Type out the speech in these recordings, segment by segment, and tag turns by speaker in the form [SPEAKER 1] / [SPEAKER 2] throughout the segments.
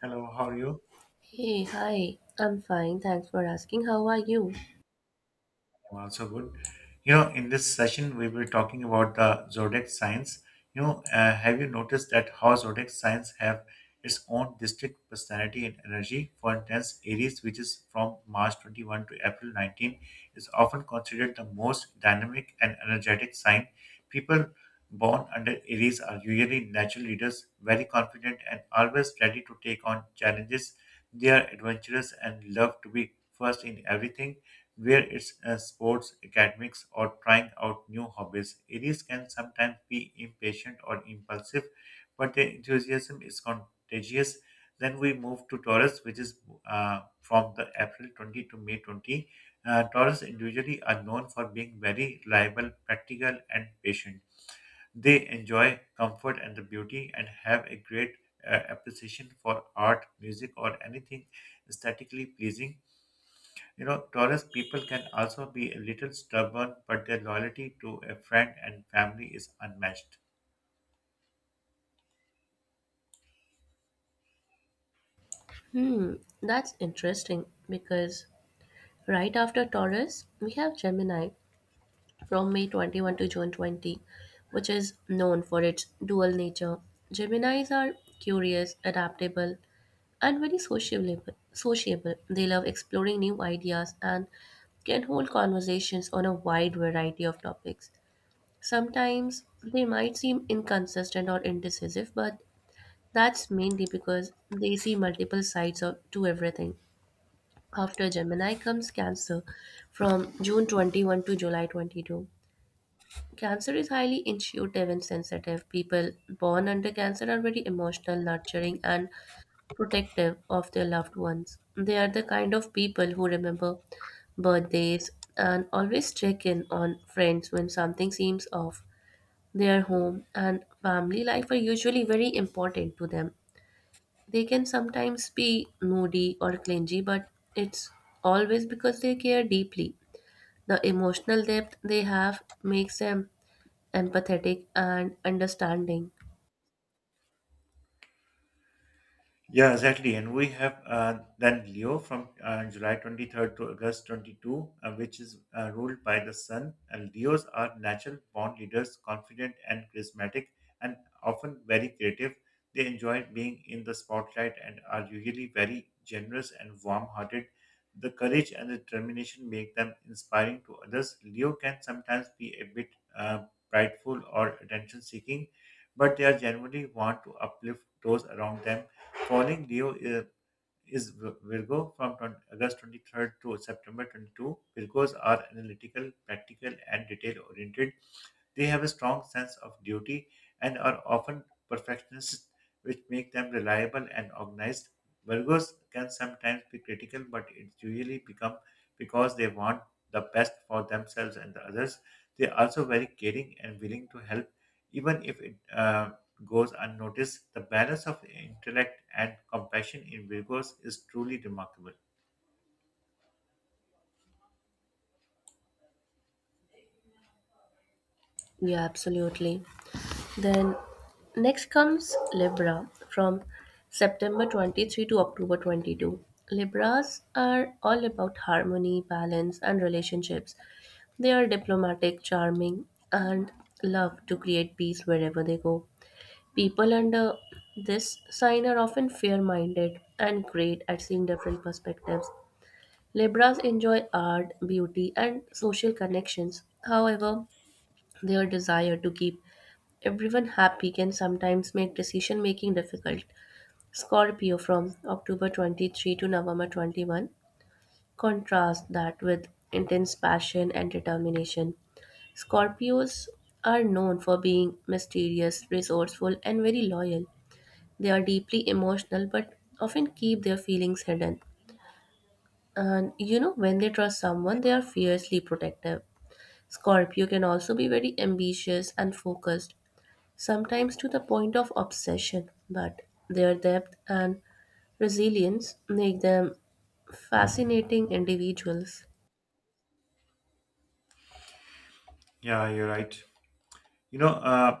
[SPEAKER 1] Hello, how are you?
[SPEAKER 2] Hey, hi. I'm fine. Thanks for asking. How are you?
[SPEAKER 1] I'm also good. You know, in this session, we will be talking about the zodiac signs. Have you noticed that how zodiac signs have its own distinct personality and energy? For instance, Aries, which is from March 21 to April 19, is often considered the most dynamic and energetic sign. People born under Aries are usually natural leaders, very confident, and always ready to take on challenges. They are adventurous and love to be first in everything where it's sports, academics, or trying out new hobbies. Aries can sometimes be impatient or impulsive, but their enthusiasm is contagious. Then we move to Taurus, which is from the April 20 to May 20. Taurus individually are known for being very reliable, practical, and patient. They enjoy comfort and the beauty and have a great appreciation for art, music, or anything aesthetically pleasing. You know, Taurus people can also be a little stubborn, but their loyalty to a friend and family is unmatched.
[SPEAKER 2] Hmm, that's interesting because right after Taurus, we have Gemini from May 21 to June 20, which is known for its dual nature. Geminis are curious, adaptable, and very sociable. They love exploring new ideas and can hold conversations on a wide variety of topics. Sometimes they might seem inconsistent or indecisive, but that's mainly because they see multiple sides to everything. After Gemini comes Cancer from June 21 to July 22. Cancer is highly intuitive and sensitive. People born under Cancer are very emotional, nurturing, and protective of their loved ones. They are the kind of people who remember birthdays and always check in on friends when something seems off. Their home and family life are usually very important to them. They can sometimes be moody or clingy, but it's always because they care deeply. The emotional depth they have makes them empathetic and understanding.
[SPEAKER 1] Yeah, exactly. And we have then Leo from July 23rd to August 22, which is ruled by the sun. And Leos are natural born leaders, confident and charismatic, and often very creative. They enjoy being in the spotlight and are usually very generous and warm hearted. The courage and determination make them inspiring to others. Leo can sometimes be a bit uh, prideful or attention seeking, but they are generally want to uplift those around them. Following Leo is Virgo from 20 August 23rd to September 22. Virgos are analytical, practical, and detail oriented. They have a strong sense of duty and are often perfectionists, which make them reliable and organized. Virgos can sometimes be critical, but it usually become because they want the best for themselves and the others. They are also very caring and willing to help, even if it goes unnoticed. The balance of intellect and compassion in Virgos is truly remarkable.
[SPEAKER 2] Yeah, absolutely. Then next comes Libra from September 23 to October 22. Libras are all about harmony, balance, and relationships. They are diplomatic, charming, and love to create peace wherever they go. People under this sign are often fair minded and great at seeing different perspectives. Libras enjoy art, beauty, and social connections. However, their desire to keep everyone happy can sometimes make decision making difficult. Scorpio from October 23 to November 21. Contrast that with intense passion and determination. Scorpios are known for being mysterious, resourceful, and very loyal. They are deeply emotional but often keep their feelings hidden. And you know, when they trust someone, they are fiercely protective. Scorpio can also be very ambitious and focused, sometimes to the point of obsession, but their depth and resilience make them fascinating individuals.
[SPEAKER 1] Yeah, you're right. You know, uh,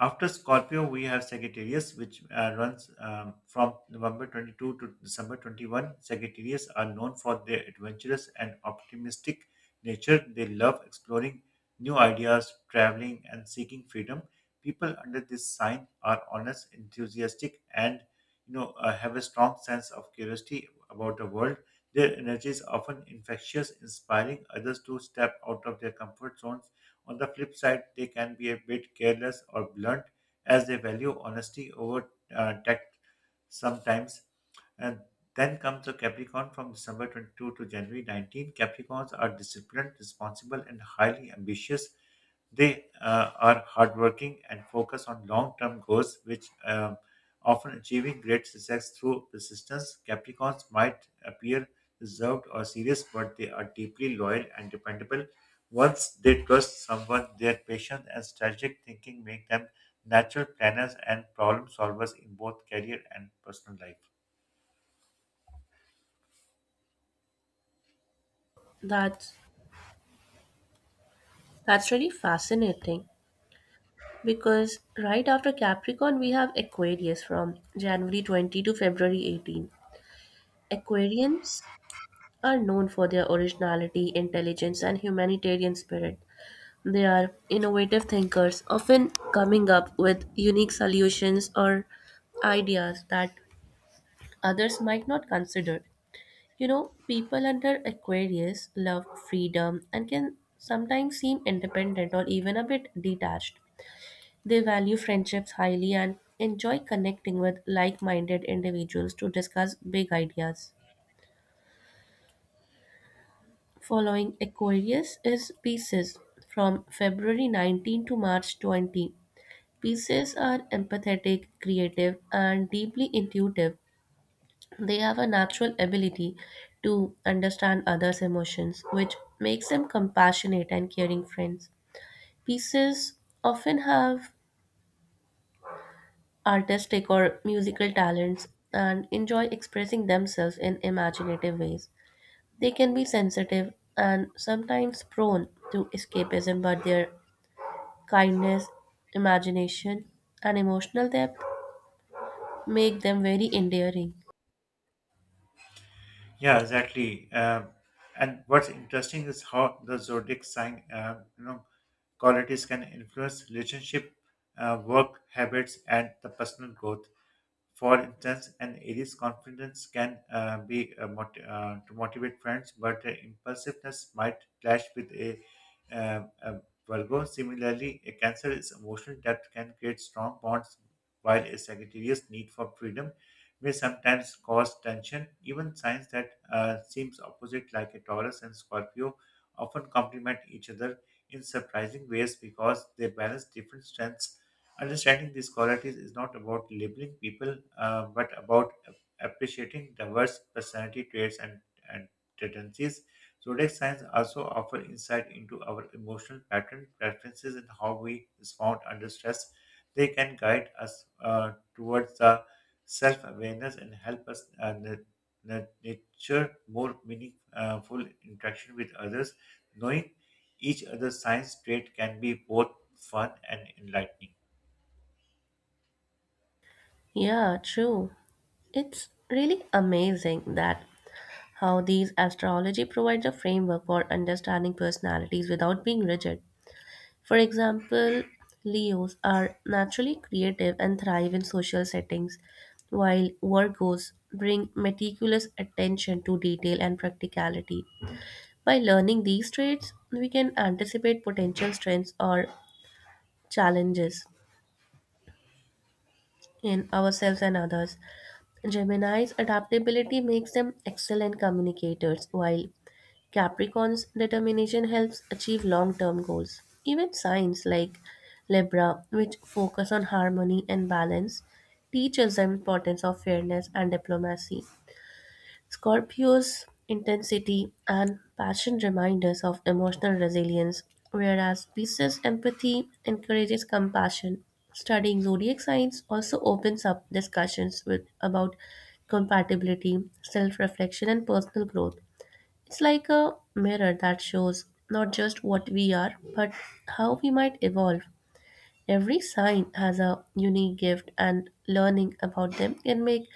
[SPEAKER 1] After Scorpio, we have Sagittarius, which runs from November 22 to December 21. Sagittarius are known for their adventurous and optimistic nature. They love exploring new ideas, traveling, and seeking freedom. People under this sign are honest, enthusiastic, and have a strong sense of curiosity about the world. Their energy is often infectious, inspiring others to step out of their comfort zones. On the flip side, they can be a bit careless or blunt as they value honesty over tact sometimes. And then comes the Capricorn from December 22 to January 19. Capricorns are disciplined, responsible, and highly ambitious. They are hardworking and focus on long term goals, which often achieving great success through persistence. Capricorns might appear reserved or serious, but they are deeply loyal and dependable. Once they trust someone, their patience and strategic thinking make them natural planners and problem solvers in both career and personal life.
[SPEAKER 2] That's that's really fascinating because right after Capricorn we have Aquarius from January 20 to February 18. Aquarians are known for their originality, intelligence, and humanitarian spirit. They are innovative thinkers, often coming up with unique solutions or ideas that others might not consider. You know, people under Aquarius love freedom and can sometimes seem independent or even a bit detached. They value friendships highly and enjoy connecting with like minded individuals to discuss big ideas. Following Aquarius is Pisces. From February 19 to March 20, Pisces are empathetic, creative, and deeply intuitive. They have a natural ability to understand others' emotions, which makes them compassionate and caring friends. Pieces often have artistic or musical talents and enjoy expressing themselves in imaginative ways. They can be sensitive and sometimes prone to escapism, but their kindness, imagination, and emotional depth make them very endearing.
[SPEAKER 1] Yeah, exactly. And what's interesting is how the zodiac sign, qualities can influence relationship, work habits, and the personal growth. For instance, an Aries confidence can to motivate friends, but impulsiveness might clash with a Virgo. Similarly, a Cancer is emotional that can create strong bonds, while a Sagittarius need for freedom may sometimes cause tension. Even signs that seems opposite, like a Taurus and Scorpio, often complement each other in surprising ways because they balance different strengths. Understanding these qualities is not about labeling people, but about appreciating diverse personality traits and tendencies. Zodiac signs also offer insight into our emotional pattern, preferences, and how we respond under stress. They can guide us towards the self-awareness and help us nature more meaningful interaction with others. Knowing each other's signs trait can be both fun and enlightening.
[SPEAKER 2] Yeah, true. It's really amazing that how these astrology provides a framework for understanding personalities without being rigid. For example, Leos are naturally creative and thrive in social settings, while Virgos bring meticulous attention to detail and practicality. By learning these traits, we can anticipate potential strengths or challenges in ourselves and others. Gemini's adaptability makes them excellent communicators, while Capricorn's determination helps achieve long term goals. Even signs like Libra, which focus on harmony and balance, teaches them importance of fairness and diplomacy. Scorpio's intensity and passion remind us of emotional resilience, whereas Pisces' empathy encourages compassion. Studying zodiac signs also opens up discussions with about compatibility, self-reflection, and personal growth. It's like a mirror that shows not just what we are, but how we might evolve. Every sign has a unique gift, and learning about them can make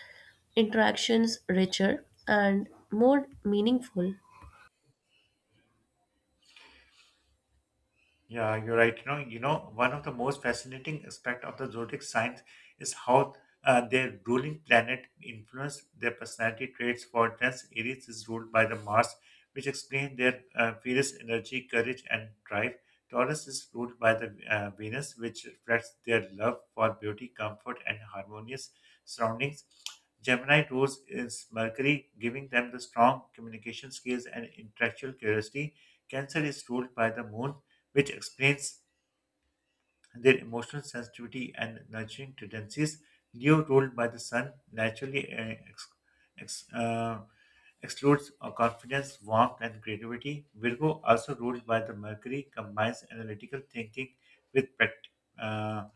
[SPEAKER 2] interactions richer and more meaningful.
[SPEAKER 1] Yeah, you're right. One of the most fascinating aspect of the zodiac signs is how their ruling planet influence their personality traits. For instance, Aries is ruled by the Mars, which explains their fierce energy, courage, and drive. Taurus is ruled by the Venus, which reflects their love for beauty, comfort, and harmonious surroundings. Gemini rules is Mercury, giving them the strong communication skills and intellectual curiosity. Cancer is ruled by the Moon, which explains their emotional sensitivity and nurturing tendencies. Leo, ruled by the sun, naturally ex- uh, excludes confidence, warmth, and creativity. Virgo, also ruled by the Mercury, combines analytical thinking with uh,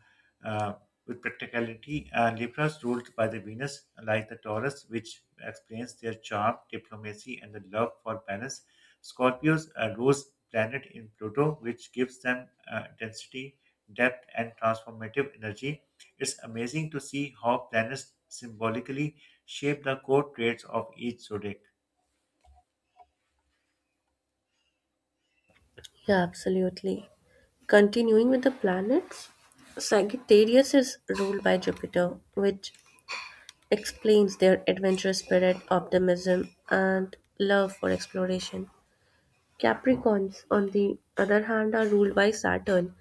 [SPEAKER 1] uh, with practicality. Libras, ruled by the Venus, like the Taurus, which explains their charm, diplomacy, and the love for balance. Scorpios, a rose planet in Pluto, which gives them depth, and transformative energy. It's amazing to see how planets symbolically shape the core traits of each zodiac.
[SPEAKER 2] Yeah, absolutely. Continuing with the planets, Sagittarius is ruled by Jupiter, which explains their adventurous spirit, optimism, and love for exploration. Capricorns, on the other hand, are ruled by Saturn,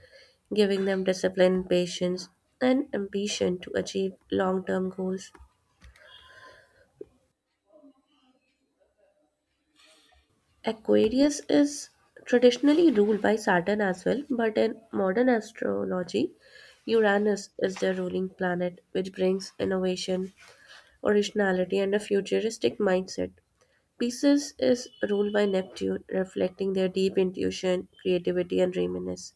[SPEAKER 2] giving them discipline, patience, and ambition to achieve long term goals. Aquarius is traditionally ruled by Saturn as well, but in modern astrology, Uranus is the ruling planet, which brings innovation, originality, and a futuristic mindset. Pisces is ruled by Neptune, reflecting their deep intuition, creativity, and reminiscence.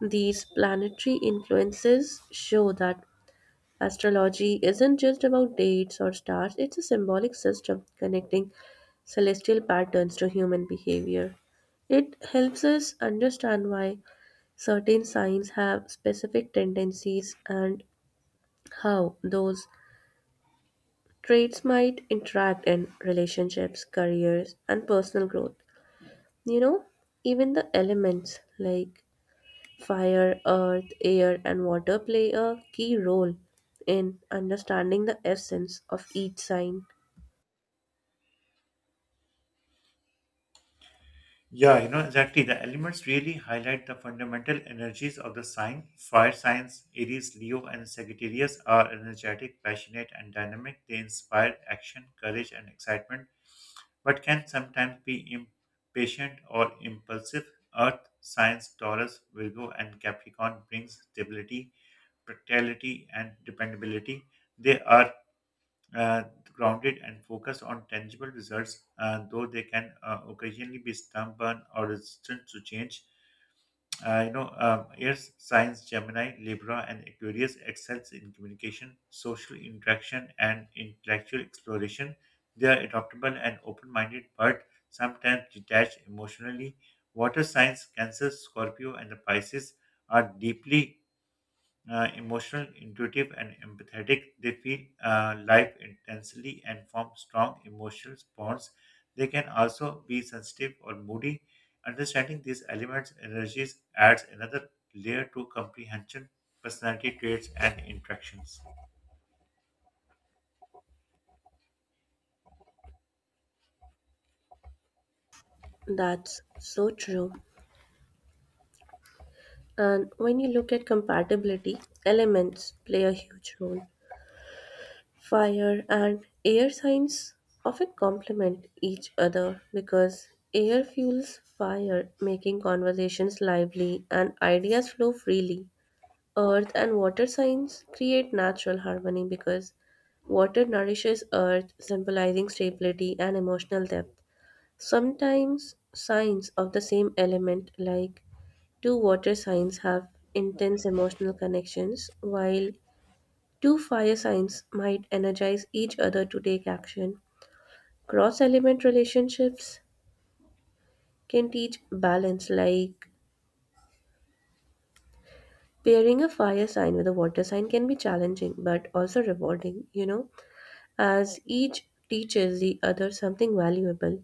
[SPEAKER 2] These planetary influences show that astrology isn't just about dates or stars. It's a symbolic system connecting celestial patterns to human behavior. It helps us understand why certain signs have specific tendencies and how those traits might interact in relationships, careers, and personal growth. You know, even the elements like fire, earth, air, and water play a key role in understanding the essence of each sign.
[SPEAKER 1] Yeah, exactly. The elements really highlight the fundamental energies of the sign. Fire signs, Aries, Leo, and Sagittarius are energetic, passionate, and dynamic. They inspire action, courage, and excitement, but can sometimes be impatient or impulsive. Earth signs, Taurus, Virgo, and Capricorn brings stability, practicality, and dependability. They are uh, grounded and focused on tangible results, though they can occasionally be stubborn or resistant to change. Earth signs Gemini, Libra, and Aquarius excels in communication, social interaction, and intellectual exploration. They are adaptable and open-minded, but sometimes detached emotionally. Water signs Cancer, Scorpio, and the Pisces are deeply emotional, intuitive, and empathetic. They feel life intensely and form strong emotional bonds. They can also be sensitive or moody. Understanding these elements energies adds another layer to comprehension, personality traits, and interactions.
[SPEAKER 2] That's so true. And when you look at compatibility, elements play a huge role. Fire and air signs often complement each other because air fuels fire, making conversations lively and ideas flow freely. Earth and water signs create natural harmony because water nourishes earth, symbolizing stability and emotional depth. Sometimes signs of the same element, like two water signs, have intense emotional connections, while two fire signs might energize each other to take action. Cross element relationships can teach balance, like pairing a fire sign with a water sign can be challenging but also rewarding, you know, as each teaches the other something valuable.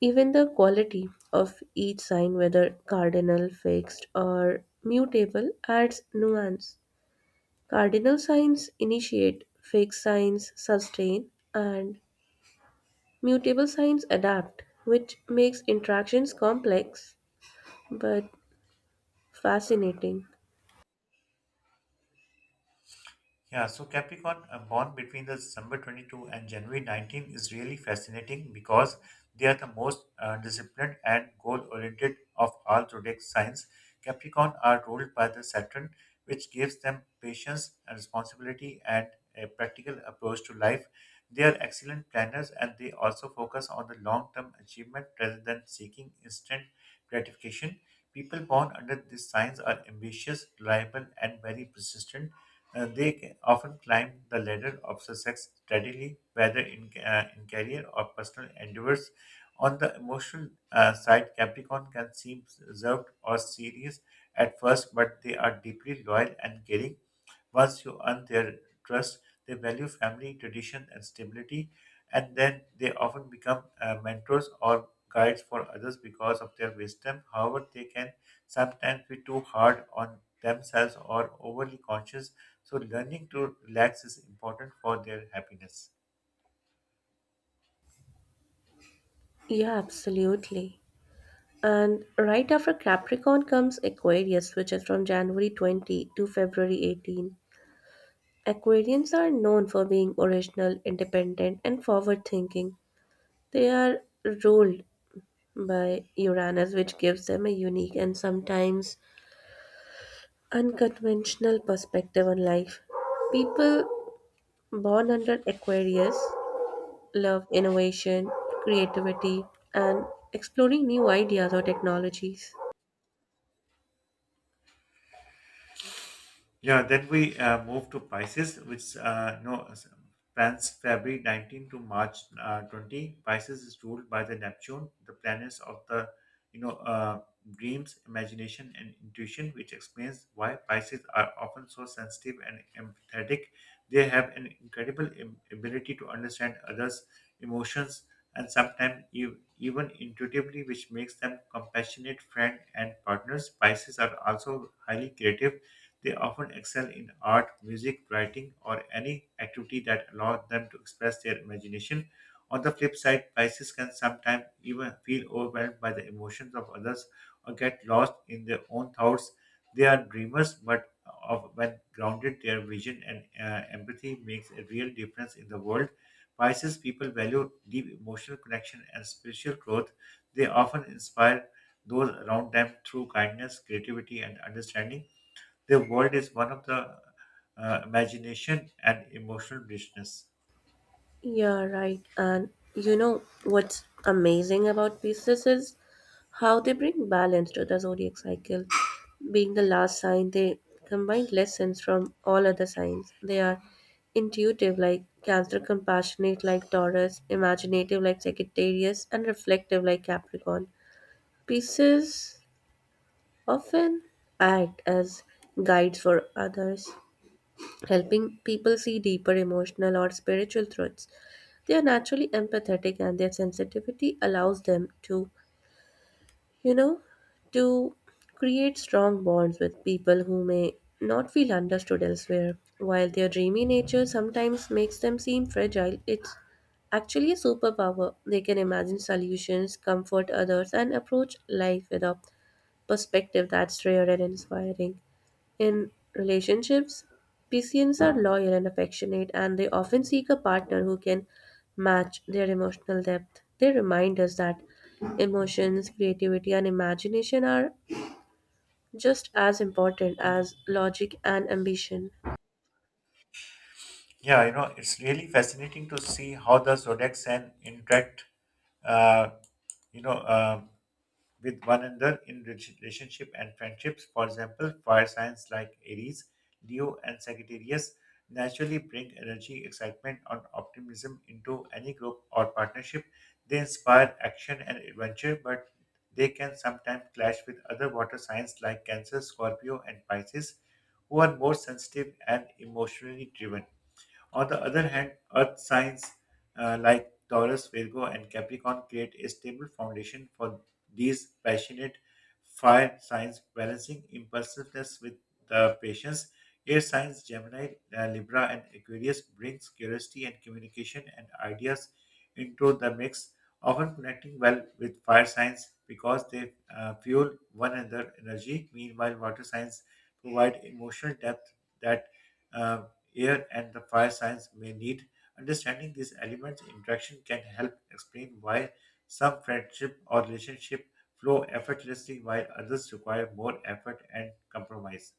[SPEAKER 2] Even the quality of each sign, whether cardinal, fixed, or mutable, adds nuance. Cardinal signs initiate, fixed signs sustain, and mutable signs adapt, which makes interactions complex but fascinating.
[SPEAKER 1] Yeah, so Capricorn born between the December 22 and January 19 is really fascinating because they are the most disciplined and goal-oriented of all zodiac signs. Capricorn are ruled by the Saturn, which gives them patience and responsibility and a practical approach to life. They are excellent planners and they also focus on the long-term achievement rather than seeking instant gratification. People born under these signs are ambitious, reliable, and very persistent. They often climb the ladder of success steadily, whether in career or personal endeavors. On the emotional side, Capricorn can seem reserved or serious at first, but they are deeply loyal and caring. Once you earn their trust, they value family, tradition, and stability, and then they often become mentors or guides for others because of their wisdom. However, they can sometimes be too hard on themselves or overly conscious, so learning to relax is important for their happiness.
[SPEAKER 2] Yeah, absolutely. And right after Capricorn comes Aquarius, which is from January 20 to February 18. Aquarians are known for being original, independent, and forward thinking. They are ruled by Uranus, which gives them a unique and sometimes unconventional perspective on life. People born under Aquarius love innovation, creativity, and exploring new ideas or technologies.
[SPEAKER 1] Yeah, then we move to Pisces, which no plans February 19 to March 20. Pisces is ruled by the Neptune, the planets of the you know uh, dreams, imagination, and intuition, which explains why Pisces are often so sensitive and empathetic. They have an incredible ability to understand others' emotions and sometimes even intuitively, which makes them compassionate friend and partners. Pisces are also highly creative. They often excel in art, music, writing, or any activity that allows them to express their imagination. On the flip side, Pisces can sometimes even feel overwhelmed by the emotions of others or get lost in their own thoughts. They are dreamers, but of when grounded, their vision and empathy makes a real difference in the world. Pisces people value deep emotional connection and spiritual growth. They often inspire those around them through kindness, creativity, and understanding. Their world is one of the imagination and emotional richness.
[SPEAKER 2] Yeah, right. And you know what's amazing about Pisces is how they bring balance to the zodiac cycle. Being the last sign, they combine lessons from all other signs. They are intuitive like Cancer, compassionate like Taurus, imaginative like Sagittarius, and reflective like Capricorn. Pieces often act as guides for others, helping people see deeper emotional or spiritual truths. They are naturally empathetic, and their sensitivity allows them you know, to create strong bonds with people who may not feel understood elsewhere. While their dreamy nature sometimes makes them seem fragile, it's actually a superpower. They can imagine solutions, comfort others, and approach life with a perspective that's rare and inspiring. In relationships, Pisceans are loyal and affectionate, and they often seek a partner who can match their emotional depth. They remind us that emotions, creativity, and imagination are just as important as logic and ambition.
[SPEAKER 1] Yeah, you know, it's really fascinating to see how the zodiac sign interact Uh, you know, uh, with one another in relationship and friendships. For example, fire signs like Aries, Leo, and Sagittarius naturally bring energy, excitement, and optimism into any group or partnership. They inspire action and adventure, but they can sometimes clash with other water signs like Cancer, Scorpio, and Pisces, who are more sensitive and emotionally driven. On the other hand, earth signs like Taurus, Virgo, and Capricorn create a stable foundation for these passionate fire signs, balancing impulsiveness with the patience. Air signs Gemini, Libra, and Aquarius brings curiosity and communication and ideas into the mix, often connecting well with fire signs because they fuel one another energy. Meanwhile, water signs provide emotional depth that uh, air, and the fire signs may need. Understanding these elements' interaction can help explain why some friendship or relationship flow effortlessly while others require more effort and compromise.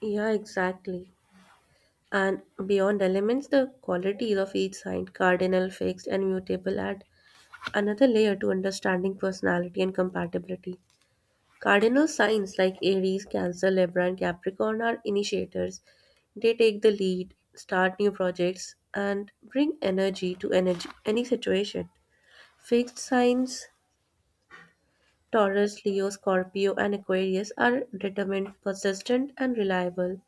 [SPEAKER 2] Yeah, exactly. And beyond elements, the qualities of each sign, cardinal, fixed, and mutable, add another layer to understanding personality and compatibility. Cardinal signs like Aries, Cancer, Libra, and Capricorn are initiators. They take the lead, start new projects, and bring energy to any situation. Fixed signs Taurus, Leo, Scorpio, and Aquarius are determined, persistent, and reliable.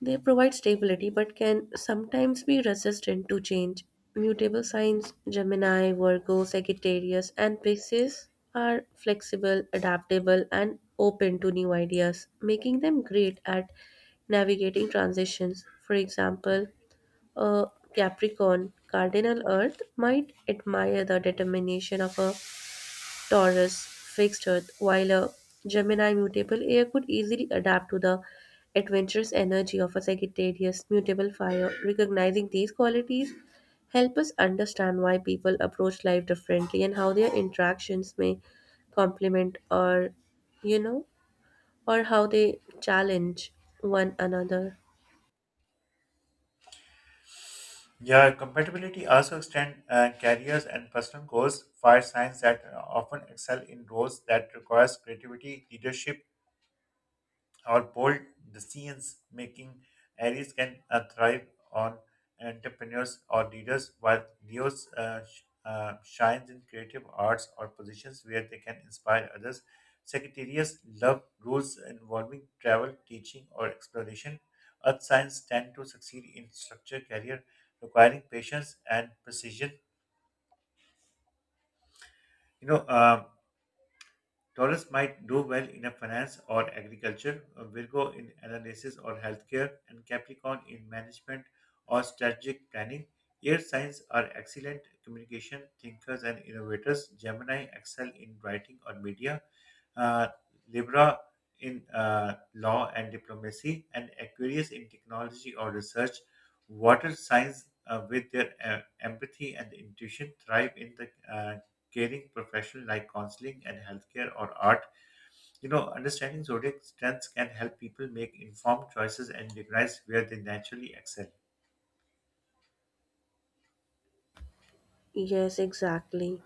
[SPEAKER 2] They provide stability but can sometimes be resistant to change. Mutable signs Gemini, Virgo, Sagittarius, and Pisces are flexible, adaptable, and open to new ideas, making them great at navigating transitions. For example, a Capricorn cardinal Earth might admire the determination of a Taurus, fixed Earth, while a Gemini mutable air could easily adapt to the adventurous energy of a Sagittarius mutable fire. Recognizing these qualities help us understand why people approach life differently and how their interactions may complement, or you know or how they challenge one another.
[SPEAKER 1] Yeah, compatibility also extend careers and personal goals. Fire signs that often excel in roles that requires creativity, leadership, or bold decisions making areas can thrive on entrepreneurs or leaders, while leos shines in creative arts or positions where they can inspire others. Secretariats love roles involving travel teaching or exploration. Earth signs tend to succeed in structure career requiring patience and precision. you know um, Taurus might do well in a finance or agriculture, Virgo in analysis or healthcare, and Capricorn in management or strategic planning. Air signs are excellent communication thinkers and innovators. Gemini excel in writing or media, uh, Libra in law and diplomacy, and Aquarius in technology or research. Water signs, with their empathy and intuition, thrive in the caring profession like counseling and healthcare or art. You know, understanding zodiac strengths can help people make informed choices and recognize where they naturally excel.
[SPEAKER 2] Yes, exactly.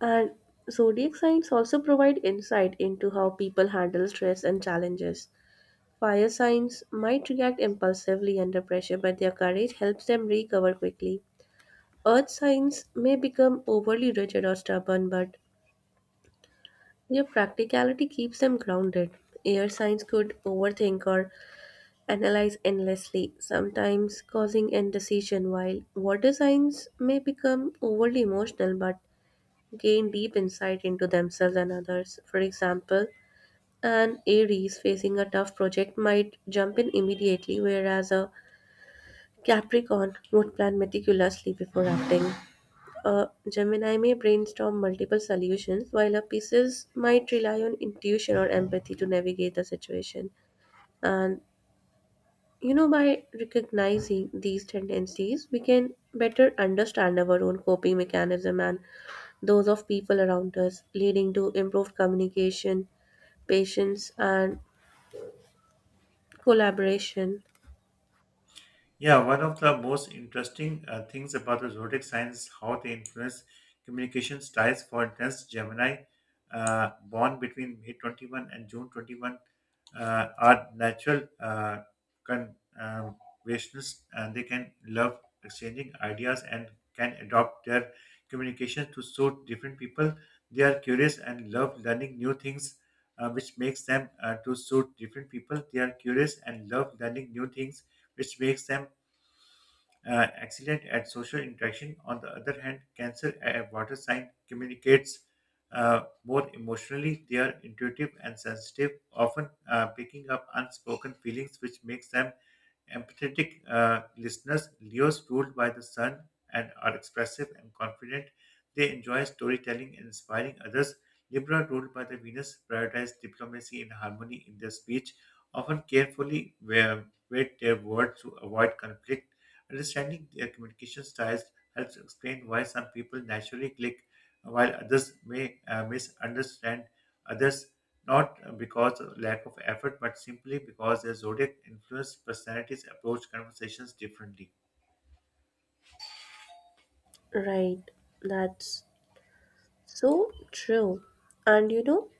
[SPEAKER 2] And zodiac signs also provide insight into how people handle stress and challenges. Fire signs might react impulsively under pressure, but their courage helps them recover quickly. Earth signs may become overly rigid or stubborn, but their practicality keeps them grounded. Air signs could overthink or analyze endlessly, sometimes causing indecision, while water signs may become overly emotional but gain deep insight into themselves and others. For example, an Aries facing a tough project might jump in immediately, whereas a Capricorn would plan meticulously before acting. A Gemini may brainstorm multiple solutions, while a Pisces might rely on intuition or empathy to navigate the situation. And you know, by recognizing these tendencies, we can better understand our own coping mechanism and those of people around us, leading to improved communication, patience, and collaboration.
[SPEAKER 1] Yeah, one of the most interesting things about the zodiac signs is how they influence communication styles. For instance, Gemini, born between May 21 and June 21, are natural conversationalists and they can love exchanging ideas and can adopt their communication to suit different people. They are curious and love learning new things, which makes them to suit different people. They are curious and love learning new things which makes them excellent at social interaction. On the other hand, Cancer a water sign communicates more emotionally. They are intuitive and sensitive, often picking up unspoken feelings, which makes them empathetic listeners. Leos ruled by the sun and are expressive and confident. They enjoy storytelling and inspiring others. Libra, ruled by the Venus, prioritize diplomacy and harmony in their speech, often carefully weigh their words to avoid conflict. Understanding their communication styles helps explain why some people naturally click while others may misunderstand others, not because of lack of effort, but simply because their zodiac influence personalities approach conversations differently.
[SPEAKER 2] Right, that's so true. And you know,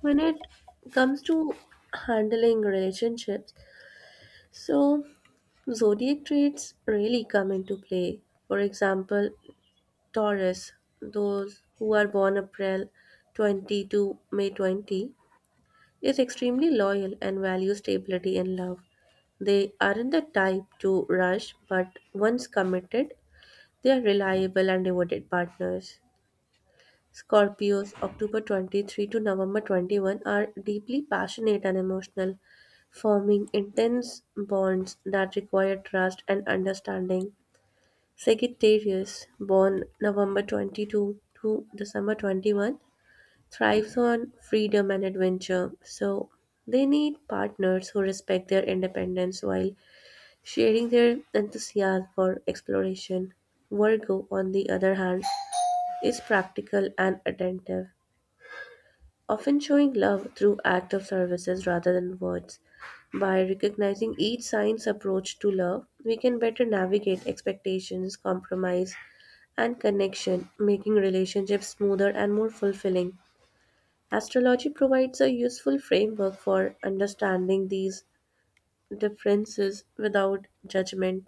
[SPEAKER 2] when it comes to handling relationships, so zodiac traits really come into play. For example, Taurus, those who are born April 20 to May 20, is extremely loyal and values stability and love. They aren't the type to rush, but once committed, they are reliable and devoted partners. Scorpios, October 23rd to November 20, are deeply passionate and emotional, forming intense bonds that require trust and understanding. Sagittarius, born November 22 to December 21, thrives on freedom and adventure. So they need partners who respect their independence while sharing their enthusiasm for exploration. Virgo, on the other hand, is practical and attentive, often showing love through acts of services rather than words. By recognizing each sign's approach to love, we can better navigate expectations, compromise, and connection, making relationships smoother and more fulfilling. Astrology provides a useful framework for understanding these differences without judgment.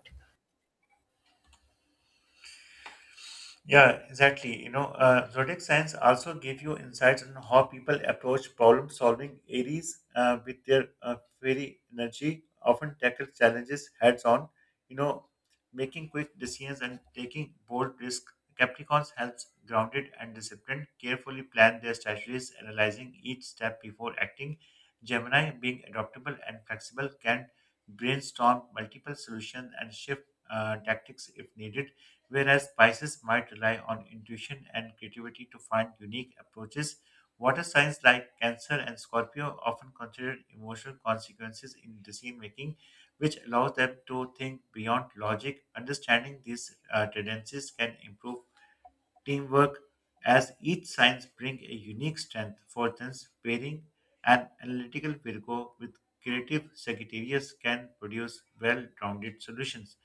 [SPEAKER 1] Yeah, exactly. You know, zodiac signs also give you insights on how people approach problem solving. Aries, with their fiery energy, often tackle challenges heads on, you know, making quick decisions and taking bold risks. Capricorns helps grounded and disciplined, carefully plan their strategies, analyzing each step before acting. Gemini, being adaptable and flexible, can brainstorm multiple solutions and shift tactics if needed, whereas Pisces might rely on intuition and creativity to find unique approaches. Water signs like Cancer and Scorpio often consider emotional consequences in decision making, which allows them to think beyond logic. Understanding these tendencies can improve teamwork, as each signs bring a unique strength. For instance, pairing an analytical Virgo with creative Sagittarius can produce well-rounded solutions,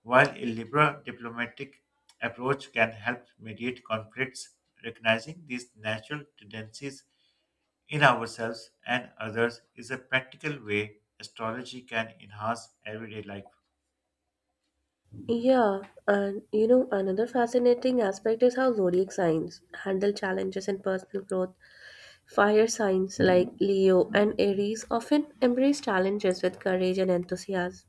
[SPEAKER 1] while a liberal diplomatic approach can help mediate conflicts. Recognizing these natural tendencies in ourselves and others is a practical way astrology can enhance everyday life.
[SPEAKER 2] Yeah, and you know, another fascinating aspect is how zodiac signs handle challenges in personal growth. Fire signs like Leo and Aries often embrace challenges with courage and enthusiasm,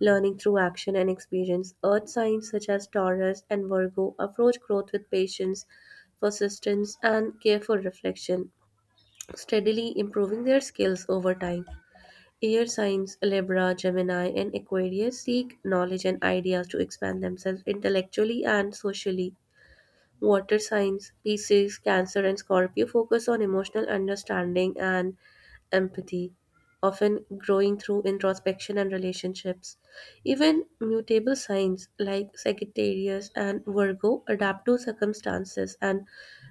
[SPEAKER 2] learning through action and experience. Earth signs such as Taurus and Virgo approach growth with patience, persistence, and careful reflection, steadily improving their skills over time. Air signs Libra, Gemini, and Aquarius seek knowledge and ideas to expand themselves intellectually and socially. Water signs Pisces, Cancer, and Scorpio focus on emotional understanding and empathy, often growing through introspection and relationships. Even mutable signs like Sagittarius and Virgo adapt to circumstances and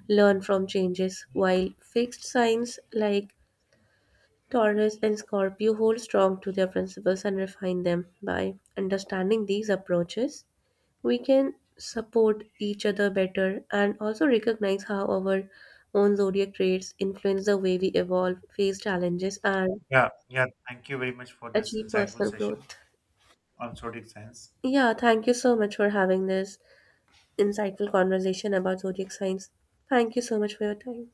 [SPEAKER 2] learn from changes, while fixed signs like Taurus and Scorpio hold strong to their principles and refine them. By understanding these approaches, we can support each other better and also recognize how our own zodiac traits influence the way we evolve, face challenges, and
[SPEAKER 1] Yeah, yeah, thank you very much for this
[SPEAKER 2] achieve
[SPEAKER 1] insightful
[SPEAKER 2] personal
[SPEAKER 1] session
[SPEAKER 2] growth.
[SPEAKER 1] on zodiac science.
[SPEAKER 2] Yeah, thank you so much for having this insightful conversation about zodiac signs. Thank you so much for your time.